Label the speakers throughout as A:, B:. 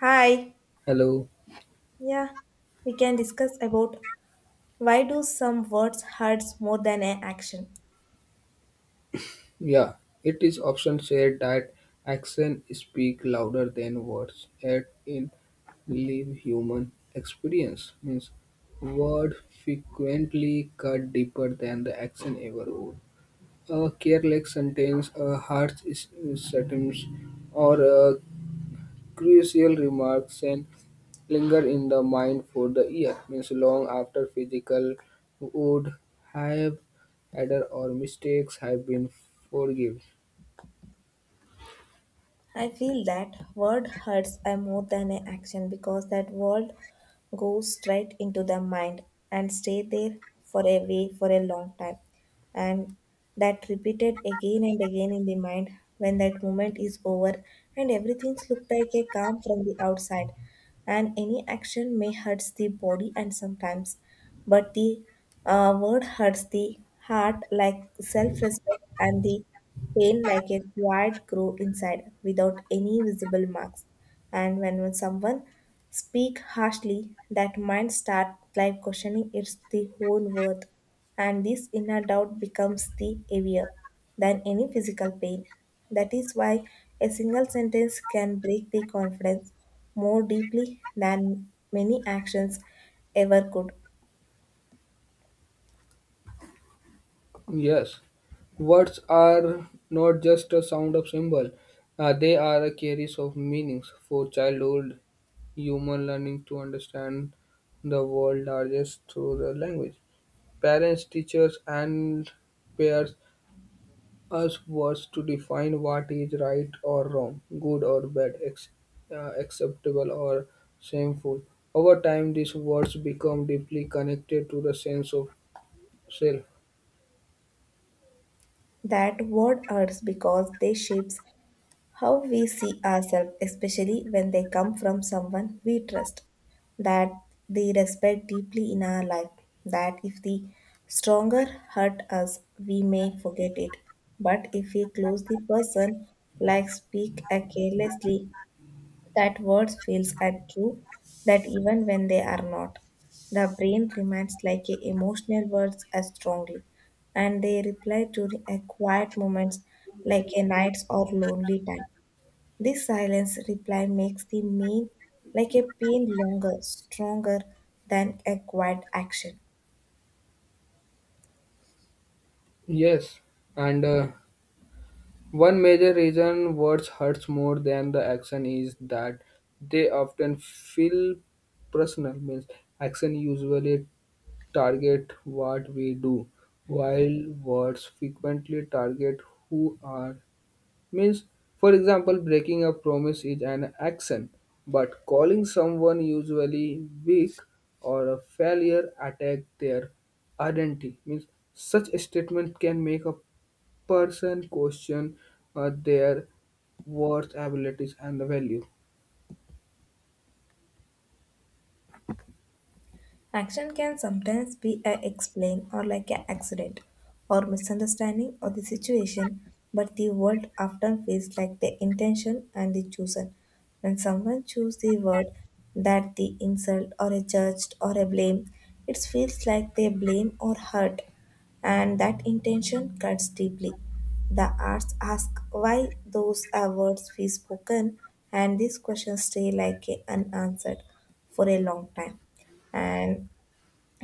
A: Hi.
B: Hello.
A: Yeah, we can discuss about why do some words hurts more than an action.
B: Yeah, it is often said that actions speak louder than words, yet in live human experience means word frequently cut deeper than the action ever would. A careless sentence, sentence, or a Crucial remarks and linger in the mind for the year, means long after physical would have error or mistakes have been forgiven.
A: I feel that word hurts I more than an action because that word goes straight into the mind and stay there for a way for a long time. And that repeated again and again in the mind when that moment is over and everything looks like a calm from the outside. And any action may hurts the body and sometimes, but the word hurts the heart like self-respect and the pain like a quiet grow inside without any visible marks. And when someone speak harshly, that mind start like questioning its the whole worth. And this inner doubt becomes the heavier than any physical pain. That is why a single sentence can break the confidence more deeply than many actions ever could.
B: Yes, words are not just a sound of symbol. They are a carries of meanings. For childhood, human learning to understand the world largest through the language. Parents, teachers, and peers us was to define what is right or wrong, good or bad, acceptable or shameful. Over time, these words become deeply connected to the sense of self.
A: That word hurts because they shapes how we see ourselves, especially when they come from someone we trust, that they respect deeply in our life, that if the stronger hurt us, we may forget it. But if we close the person, like speak a carelessly, that words feels are true, that even when they are not. The brain remains like a emotional words as strongly, and they reply during a quiet moments like a nights or lonely time. This silence reply makes the mean like a pain longer, stronger than a quiet action.
B: Yes, and one major reason words hurts more than the action is that they often feel personal. Means action usually target what we do, while words frequently target who are. Means, for example, breaking a promise is an action, but calling someone usually weak or a failure attack their identity. Means, such a statement can make a person question their worth, abilities, and value.
A: Action can sometimes be a explain or like an accident or misunderstanding or the situation, but the word often feels like the intention and the chosen. When someone chooses the word that the insult or a judged or a blame, it feels like they blame or hurt, and that intention cuts deeply. The arts ask why those are words we spoken, and these questions stay like a unanswered for a long time, and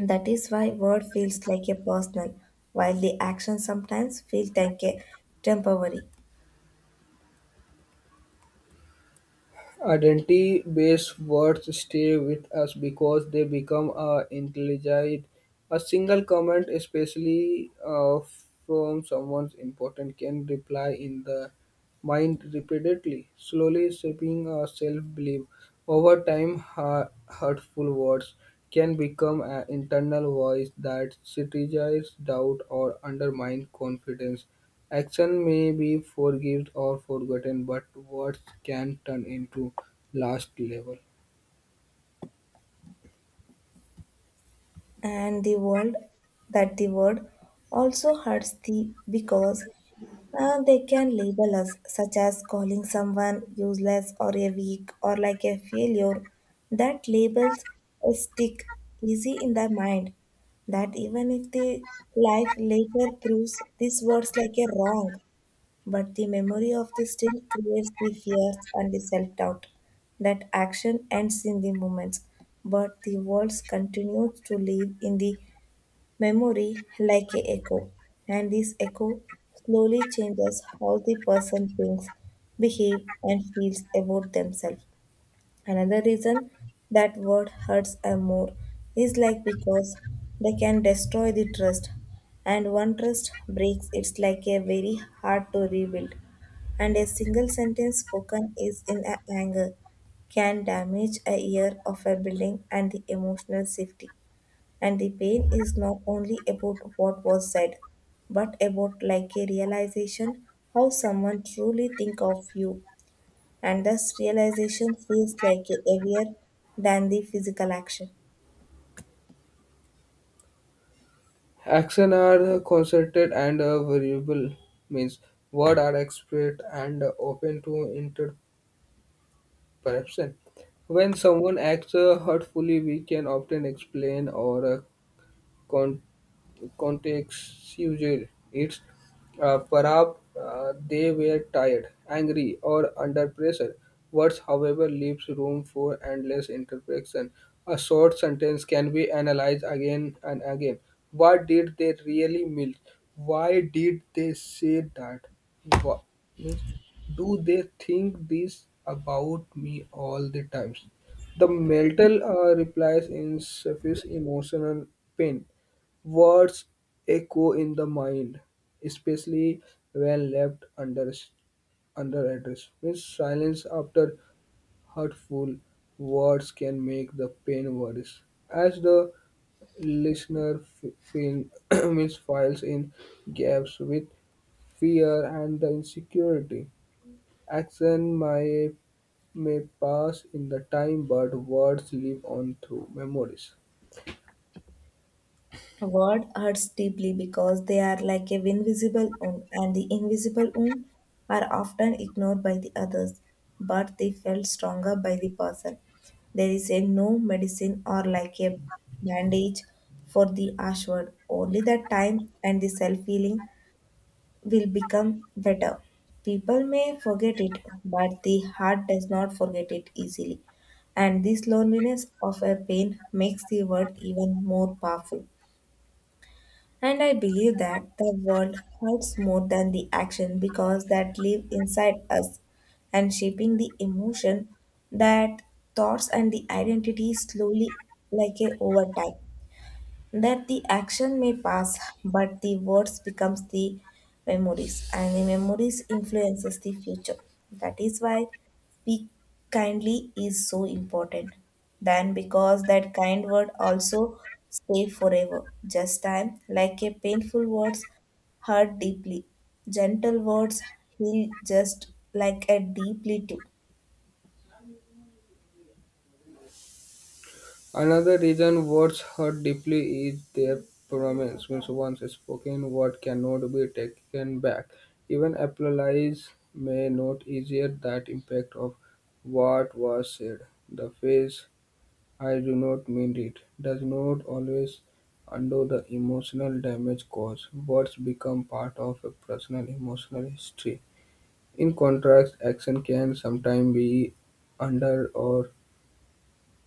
A: that is why word feels like a personal while the action sometimes feels like a temporary.
B: Identity-based words stay with us because they become intelligent. A single comment, especially from someone important, can reply in the mind repeatedly, slowly shaping our self-belief. Over time, hurtful words can become an internal voice that strategize doubt or undermine confidence. Action may be forgiven or forgotten, but words can turn into last level.
A: And the world, that the word also hurts the because they can label us such as calling someone useless or a weak or like a failure, that labels stick easy in the mind, that even if the life later proves these words like a wrong. But the memory of this still creates the fears and the self doubt. That action ends in the moments, but the worlds continues to live in the memory like a echo. And this echo slowly changes how the person thinks, behave, and feels about themselves. Another reason that word hurts a more is like because they can destroy the trust, and one trust breaks it's like a very hard to rebuild, and a single sentence spoken is in a anger can damage a year of a building and the emotional safety, and the pain is not only about what was said but about like a realization how someone truly think of you, and thus realization feels like heavier than the physical action.
B: Action are concerted and variable, means words are expressed and open to interpretation perception. When someone acts hurtfully, we can often explain or con- contextual. It's perhaps they were tired, angry, or under pressure. Words, however, leaves room for endless interpretation. A short sentence can be analyzed again and again. What did they really mean? Why did they say that? What means? Do they think this about me all the times? The mental replies in surface emotional pain. Words echo in the mind, especially when left under address. Means silence after hurtful words can make the pain worse. As the feel, means files in gaps with fear and the insecurity. Action may pass in the time, but words live on through memories.
A: Word hurts deeply because they are like a invisible wound, and the invisible wound are often ignored by the others, but they felt stronger by the person. There is a no medicine or like a bandage for the harsh word. Only that time and the self healing will become better. People may forget it, but the heart does not forget it easily. And this loneliness of a pain makes the word even more powerful. And I believe that the world hurts more than the action because that live inside us and shaping the emotion, that thoughts and the identity slowly like a over time, that the action may pass but the words becomes the memories, and the memories influences the future. That is why speak kindly is so important. Then, because that kind word also stay forever just time, like a painful words hurt deeply, gentle words heal just like a deeply too.
B: Another reason words hurt deeply is their promise. Means once spoken, word cannot be taken back. Even apologies may not easier that impact of what was said. The phrase "I do not mean it" does not always undo the emotional damage caused. Words become part of a personal emotional history. In contrast, action can sometimes be under or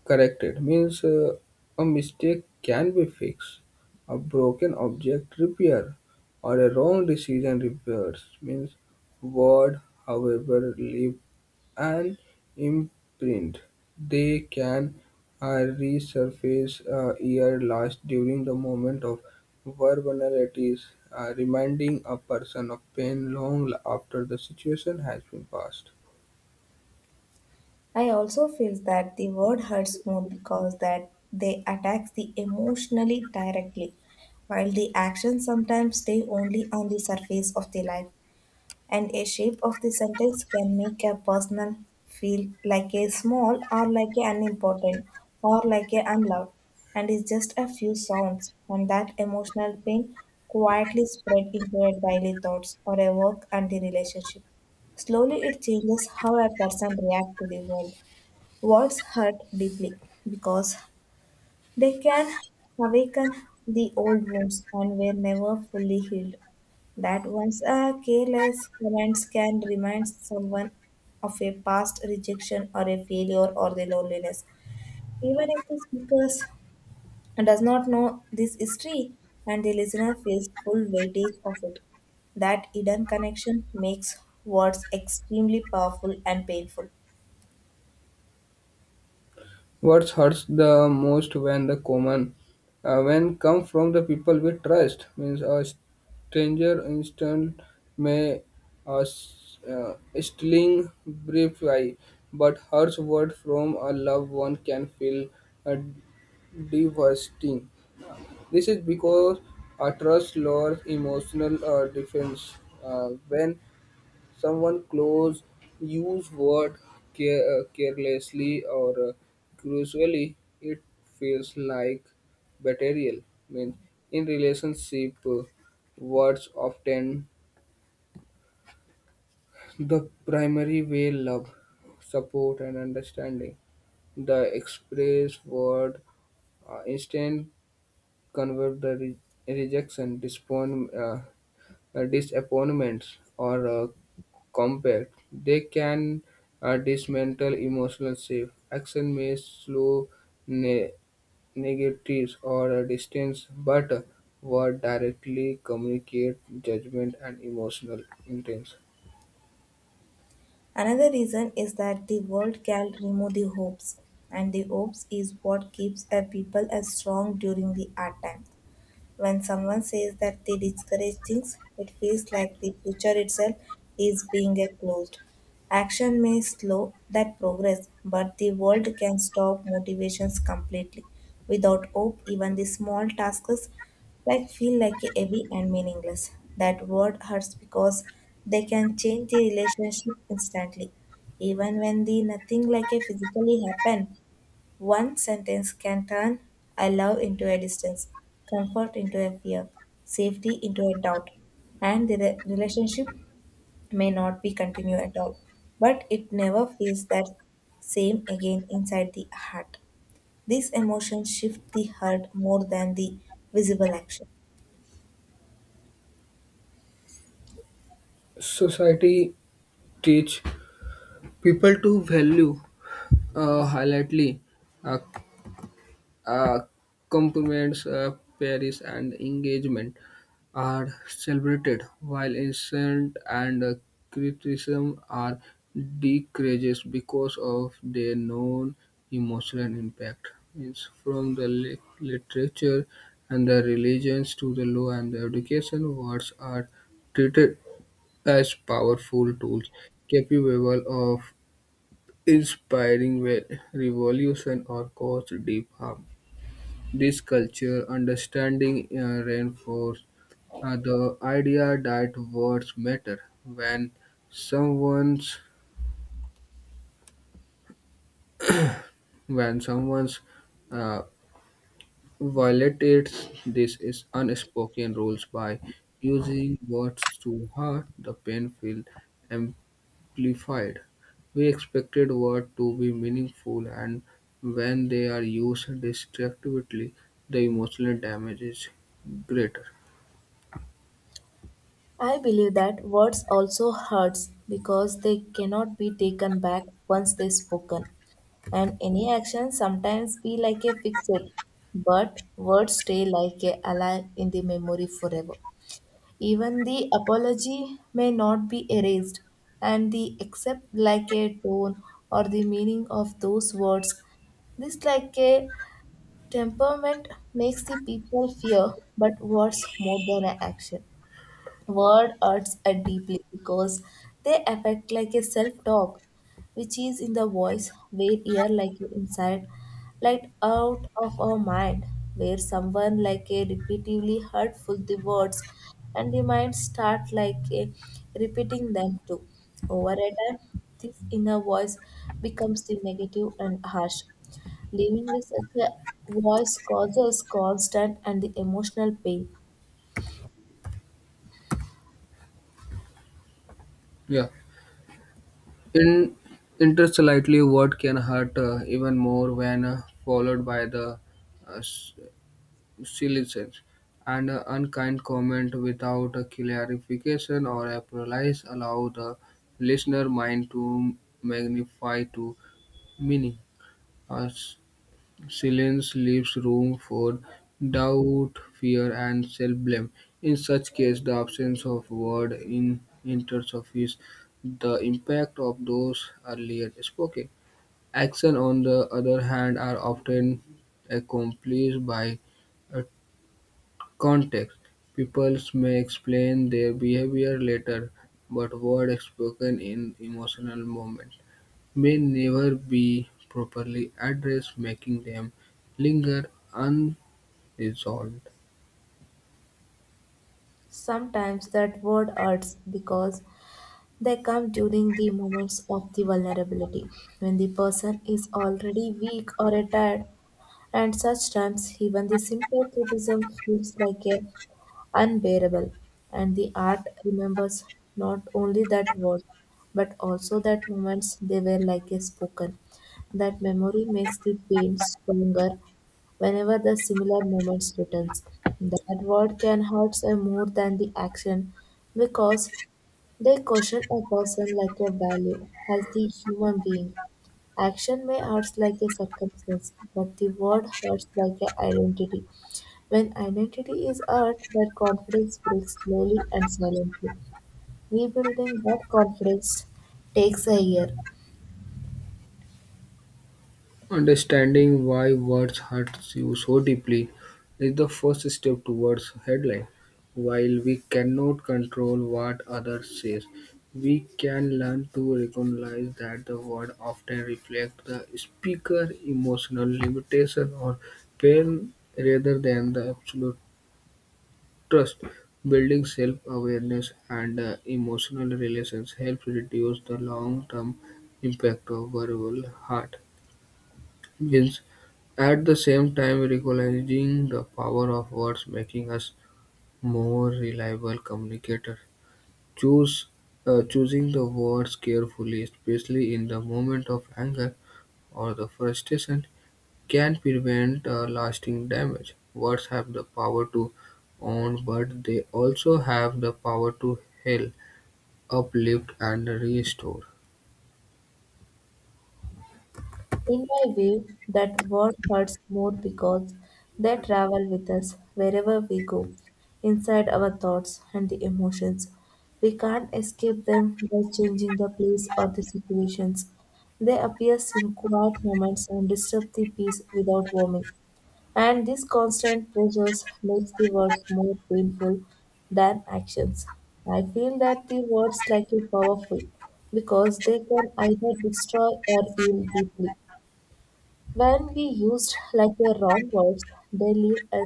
B: corrected, means a mistake can be fixed, a broken object repaired, or a wrong decision reversed, means word however leave an imprint. They can resurface a year last during the moment of vulnerabilities, reminding a person of pain long after the situation has been passed.
A: I also feel that the word hurts more because that they attack the emotionally directly, while the actions sometimes stay only on the surface of the life, and a shape of the sentence can make a person feel like a small or like a unimportant or like a unloved, and it's just a few sounds, and that emotional pain quietly spread into our daily thoughts or a work and the relationship. Slowly, it changes how a person reacts to the world. Words hurt deeply because they can awaken the old wounds and were never fully healed. That once a careless comment can remind someone of a past rejection or a failure or the loneliness. Even if the speaker does not know this history and the listener feels full weightage of it, that hidden connection makes words extremely powerful and painful.
B: What hurts the most when the common when come from the people we trust, means a stranger instant may uh, s- uh, sling brief eye, but harsh word from a loved one can feel uh, devastating. This is because a trust lowers emotional defense when someone close use word carelessly or cruelly, it feels like betrayal. Means in relationship, words often the primary way love support and understanding the express word, instant convert the rejection, disappointments, or compact. They can dismantle emotional safe. Action may slow ne- negatives or a distance, but word directly communicate judgment and emotional intent.
A: Another reason is that the world can remove the hopes, and the hopes is what keeps a people as strong during the hard time. When someone says that they discourage things, it feels like the future itself is being a closed. Action may slow that progress, but the world can stop motivations completely. Without hope, even the small tasks like feel like heavy and meaningless. That word hurts because they can change the relationship instantly. Even when the nothing like a physically happen, one sentence can turn I love into a distance, comfort into a fear, safety into a doubt, and the re- relationship may not be continued at all, but it never feels that same again inside the heart. These emotions shift the heart more than the visible action.
B: Society teach people to value highlightly. uh, uh, Compliments, Paris, and engagement are celebrated, while insult and criticism are decreased because of their known emotional impact. It's from the literature and the religions to the law and the education, words are treated as powerful tools capable of inspiring revolution or cause deep harm. This culture understanding reinforces the idea that words matter. When someone's someone's uh, violates this is unspoken rules by using words to hurt, the pain feels amplified. We expected words to be meaningful, and when they are used destructively, the emotional damage is greater.
A: I believe that words also hurts because they cannot be taken back once they spoken. And any action sometimes be like a pixel, but words stay like a alive in the memory forever. Even the apology may not be erased, and the except like a tone or the meaning of those words, this like a temperament makes the people fear but words more than an action. Word hurts deeply because they affect like a self-talk, which is in the voice where ear like inside, like out of our mind, where someone like a repeatedly hurtful the words, and the mind start like a repeating them too over a time. This inner voice becomes the negative and harsh. Living with such a voice causes constant and the emotional pain.
B: Yeah. In interstellarly, what can hurt even more when followed by the uh, s- silly sense and unkind comment without a clarification or apologize allow the listener mind to magnify to meaning. Uh, Silence leaves room for doubt, fear, and self-blame. In such case, the absence of word in interferes the impact of those earlier spoken. Action, on the other hand, are often accomplished by a context. People may explain their behavior later, but word spoken in emotional moment may never be properly addressed, making them linger unresolved.
A: Sometimes that word hurts because they come during the moments of the vulnerability when the person is already weak or tired. And such times, even the simple criticism feels like a unbearable, and the art remembers not only that words, but also that moments they were like a spoken. That memory makes the pain stronger whenever the similar moments returns. That word can hurt us more than the action because they question a person like a value as the human being. Action may hurt like a circumstance, but the word hurts like an identity. When identity is hurt, that confidence breaks slowly and silently. Rebuilding that confidence takes a year.
B: Understanding why words hurt you so deeply is the first step towards healing. While we cannot control what others say, we can learn to recognize that the word often reflects the speaker's emotional limitation or pain rather than the absolute. Trust building, self-awareness, and emotional relations helps reduce the long-term impact of verbal hurt wins. At the same time, recognizing the power of words making us more reliable communicator. Choose choosing the words carefully, especially in the moment of anger or the frustration, can prevent lasting damage. Words have the power to own, but they also have the power to heal, uplift, and restore.
A: In my way, that word hurts more because they travel with us wherever we go, inside our thoughts and the emotions. We can't escape them by changing the place or the situations. They appear in quiet moments and disturb the peace without warning. And this constant pressures makes the words more painful than actions. I feel that the words like a powerful because they can either destroy or heal deeply. When we used like the wrong words, they leave a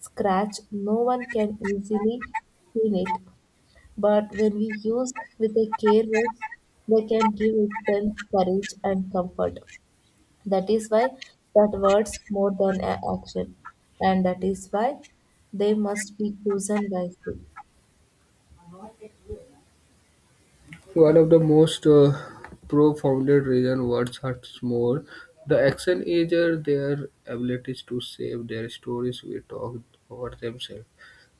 A: scratch no one can easily clean it. But when we use with a care words, they can give us courage and comfort. That is why that words more than a action, and that is why they must be chosen wisely.
B: One of the most profounded reason words hurts more. The action is their abilities to save their stories we talk over themselves.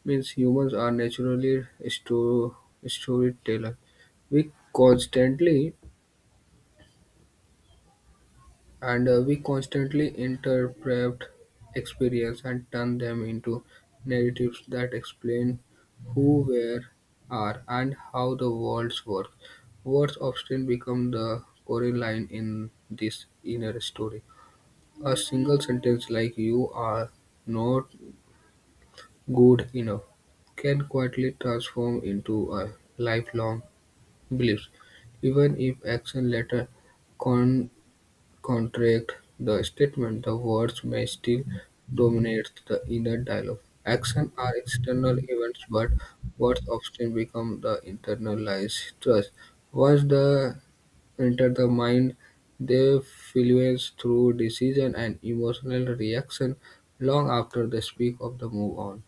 B: Means humans are naturally storyteller. We constantly we constantly interpret experience and turn them into narratives that explain who, where, are, and how the worlds work. Words often become the core line in this inner story. A single sentence like "You are not good enough" can quietly transform into a lifelong belief. Even if action later con- contradict the statement, the words may still dominate the inner dialogue. Actions are external events, but words often become the internalized thrust. Once they enter the mind, they fluence through decision and emotional reaction long after the speak of the move on.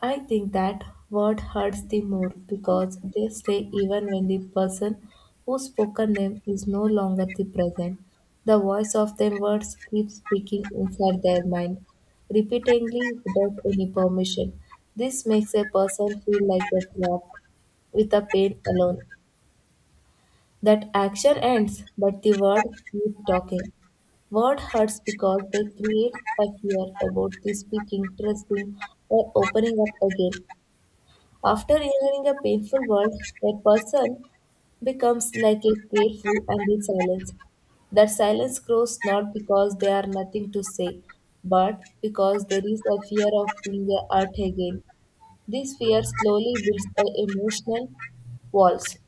A: I think that word hurts the more because they stay even when the person who spoken them is no longer the present. The voice of them words keeps speaking inside their mind, repeatedly without any permission. This makes a person feel like a trap with a pain alone. That action ends, but the word keeps talking. Word hurts because they create a fear about the speaking, trusting, or opening up again. After hearing a painful word, a person becomes like a careful and in silence. That silence grows not because they are nothing to say, but because there is a fear of being hurt again. This fear slowly builds the emotional walls.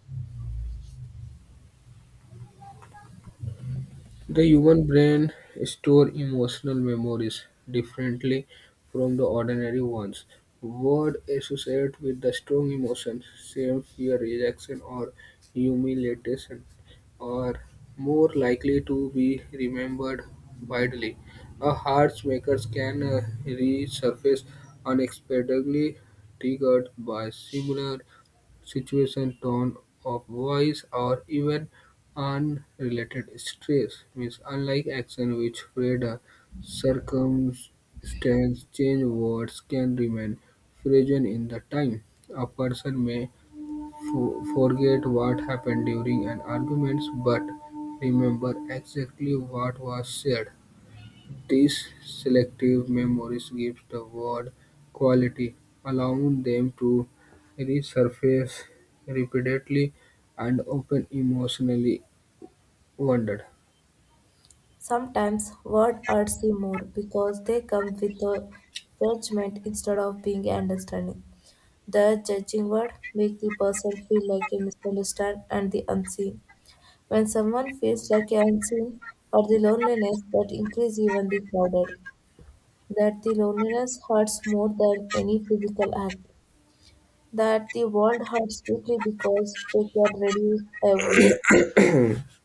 B: The human brain stores emotional memories differently from the ordinary ones. Words associated with the strong emotions, shame, fear, rejection, or humiliation, are more likely to be remembered widely. A heartmaker can resurface unexpectedly, triggered by similar situation, tone of voice, or even unrelated stress, means unlike action which where the circumstance change, words can remain frozen in the time. A person may forget what happened during an argument but remember exactly what was said. These selective memories give the word quality, allowing them to resurface repeatedly and often emotionally wounded.
A: Sometimes words hurts you more because they come with a judgment instead of being understanding. The judging word makes the person feel like a misunderstood and the unseen. When someone feels like a unseen or the loneliness that increase even the crowded, that the loneliness hurts more than any physical act, that the world hurts deeply because they can reduce a wound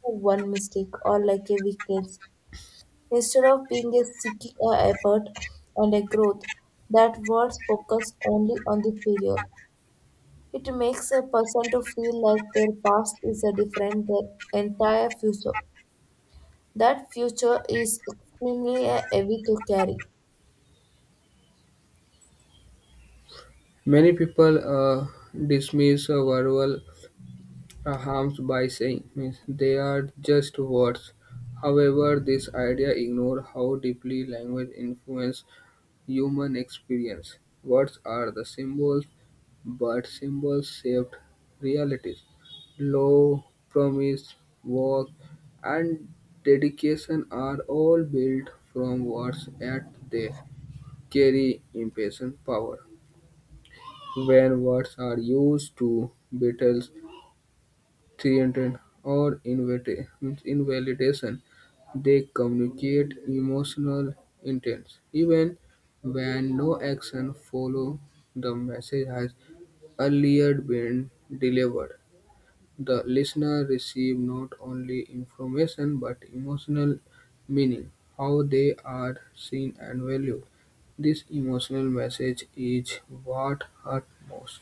A: to one mistake or like a weakness. Instead of being a seeking a effort and a growth, that words focus only on the failure. It makes a person to feel like their past is a different their entire future. That future is extremely heavy to carry.
B: Many people dismiss verbal harms by saying means they are just words. However, this idea ignores how deeply language influences human experience. Words are the symbols, but symbols shaped realities. Love, promise, work, and dedication are all built from words. At they carry impressive power. When words are used to belittle threatened or means invalidation, they communicate emotional intent even when no action follows. The message has earlier been delivered. The listener receives not only information but emotional meaning, how they are seen and valued. This emotional message is what hurts most.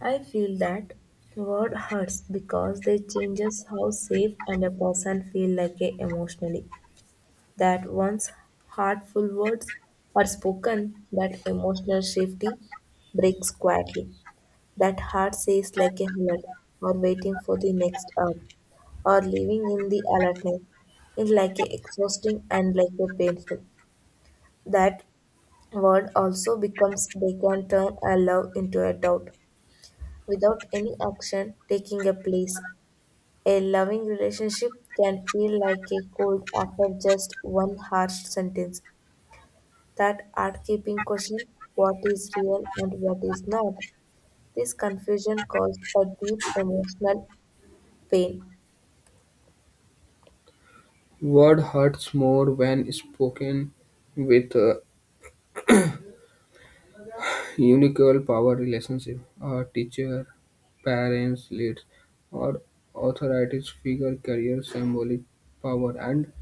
A: I feel that word hurts because they changes how safe and a person feel like a emotionally. That once heartful words are spoken, that emotional safety breaks quietly. That heart says like a alert or waiting for the next hour or living in the alertness is like a exhausting and like a painful. That word also becomes they can turn a love into a doubt without any action taking a place. A loving relationship can feel like a cold after just one harsh sentence. That art keeping question what is real and what is not. This confusion caused a deep emotional pain.
B: Word hurts more when spoken with unequal power relationship. A teacher, parents, leaders, or authoritative figure carry symbolic power, and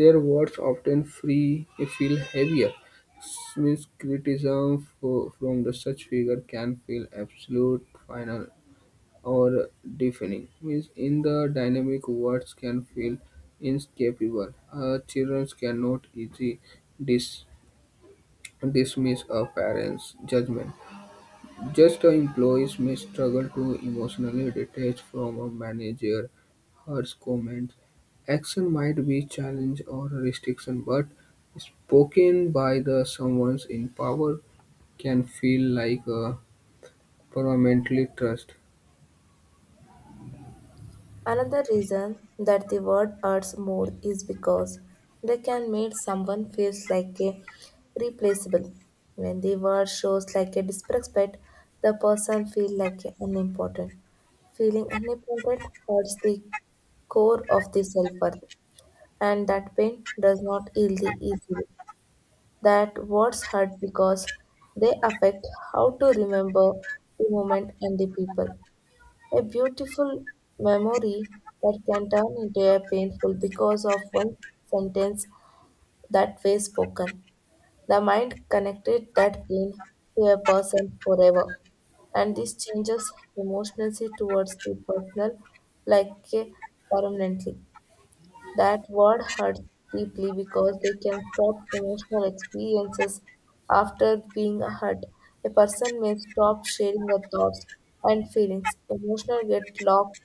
B: their words often free, feel heavier. This means criticism from the such figure can feel absolute, final, or deafening. Means in the dynamic, words can feel inescapable. Children cannot easily dis- dismiss a parent's judgment. Just employees may struggle to emotionally detach from a manager, her comments. Action might be challenge or restriction, but spoken by the someone in power can feel like a permanently trust.
A: Another reason that the word hurts more is because they can make someone feels like a replaceable. When the word shows like a disrespect, the person feels like a unimportant. Feeling unimportant hurts the core of the self-worth, and that pain does not heal the easily. That words hurt because they affect how to remember the moment and the people. A beautiful memory that can turn into a painful because of one sentence that way spoken. The mind connected that pain to a person forever. And this changes emotionally towards the personal like permanently. That word hurts deeply because they can stop emotional experiences after being hurt. A person may stop sharing their thoughts and feelings. Emotional get locked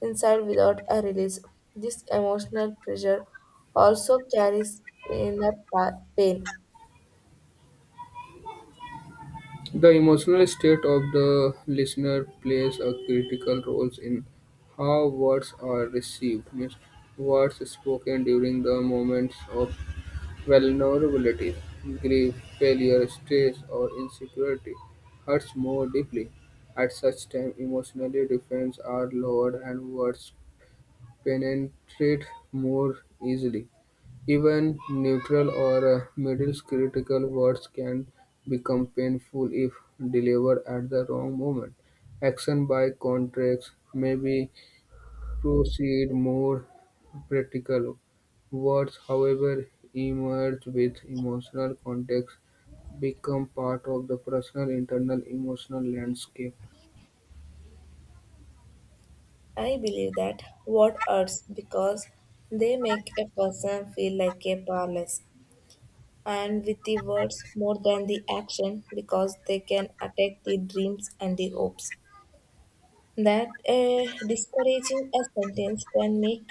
A: inside without a release. This emotional pressure also carries inner pain.
B: The emotional state of the listener plays a critical role in how words are received. Means words spoken during the moments of vulnerability, grief, failure, stress, or insecurity hurts more deeply. At such time, emotional defenses are lowered and words penetrate more easily. Even neutral or middle critical words can become painful if delivered at the wrong moment. Action by contrast may be proceed more practical. Words, however, emerge with emotional context become part of the personal internal emotional landscape.
A: I believe that word hurts because they make a person feel like a powerless, and with the words more than the action because they can attack the dreams and the hopes, that a discouraging a sentence can make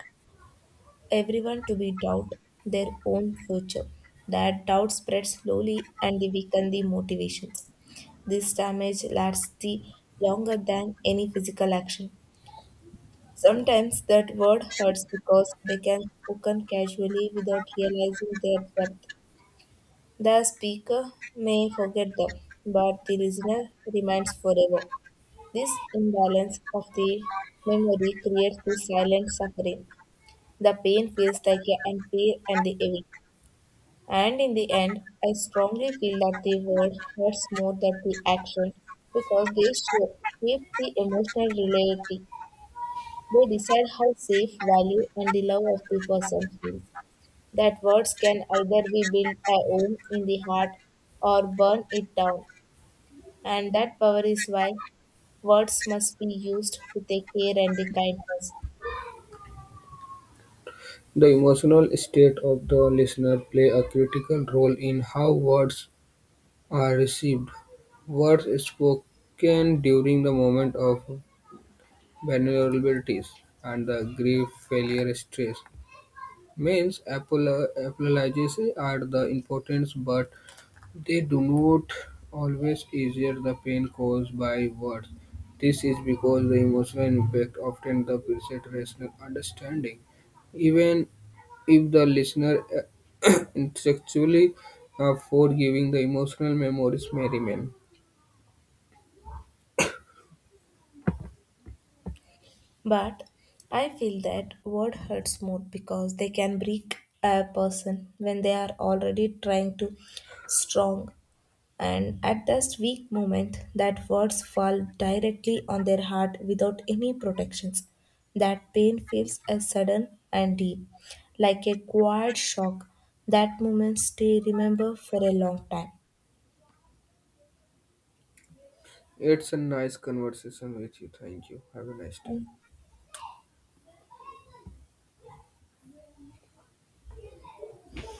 A: everyone to be doubt their own future, that doubt spreads slowly and they weaken the motivations. This damage lasts the longer than any physical action. Sometimes that word hurts because they can spoken casually without realizing their depth. The speaker may forget them, but the listener remains forever. This imbalance of the memory creates the silent suffering. The pain feels like a unfair and the heavy. And in the end, I strongly feel that the word hurts more than the action because they shape shape the emotional reality. They decide how safe, value, and the love of the person feels, that words can either be built a home in the heart or burn it down. And that power is why words must be used with a care and a kindness.
B: The emotional state of the listener play a critical role in how words are received. Words spoken during the moment of vulnerabilities and the grief, failure, stress means apologies are the importance, but they do not always ease the pain caused by words. This is because the emotional impact often supersedes rational understanding, even if the listener intellectually forgiving, the emotional memories may remain.
A: But I feel that word hurts more because they can break a person when they are already trying to strong. And at this weak moment that words fall directly on their heart without any protections. That pain feels as sudden and deep, like a quiet shock. That moment stay remember for a long time.
B: It's a nice conversation with you. Thank you. Have a nice day.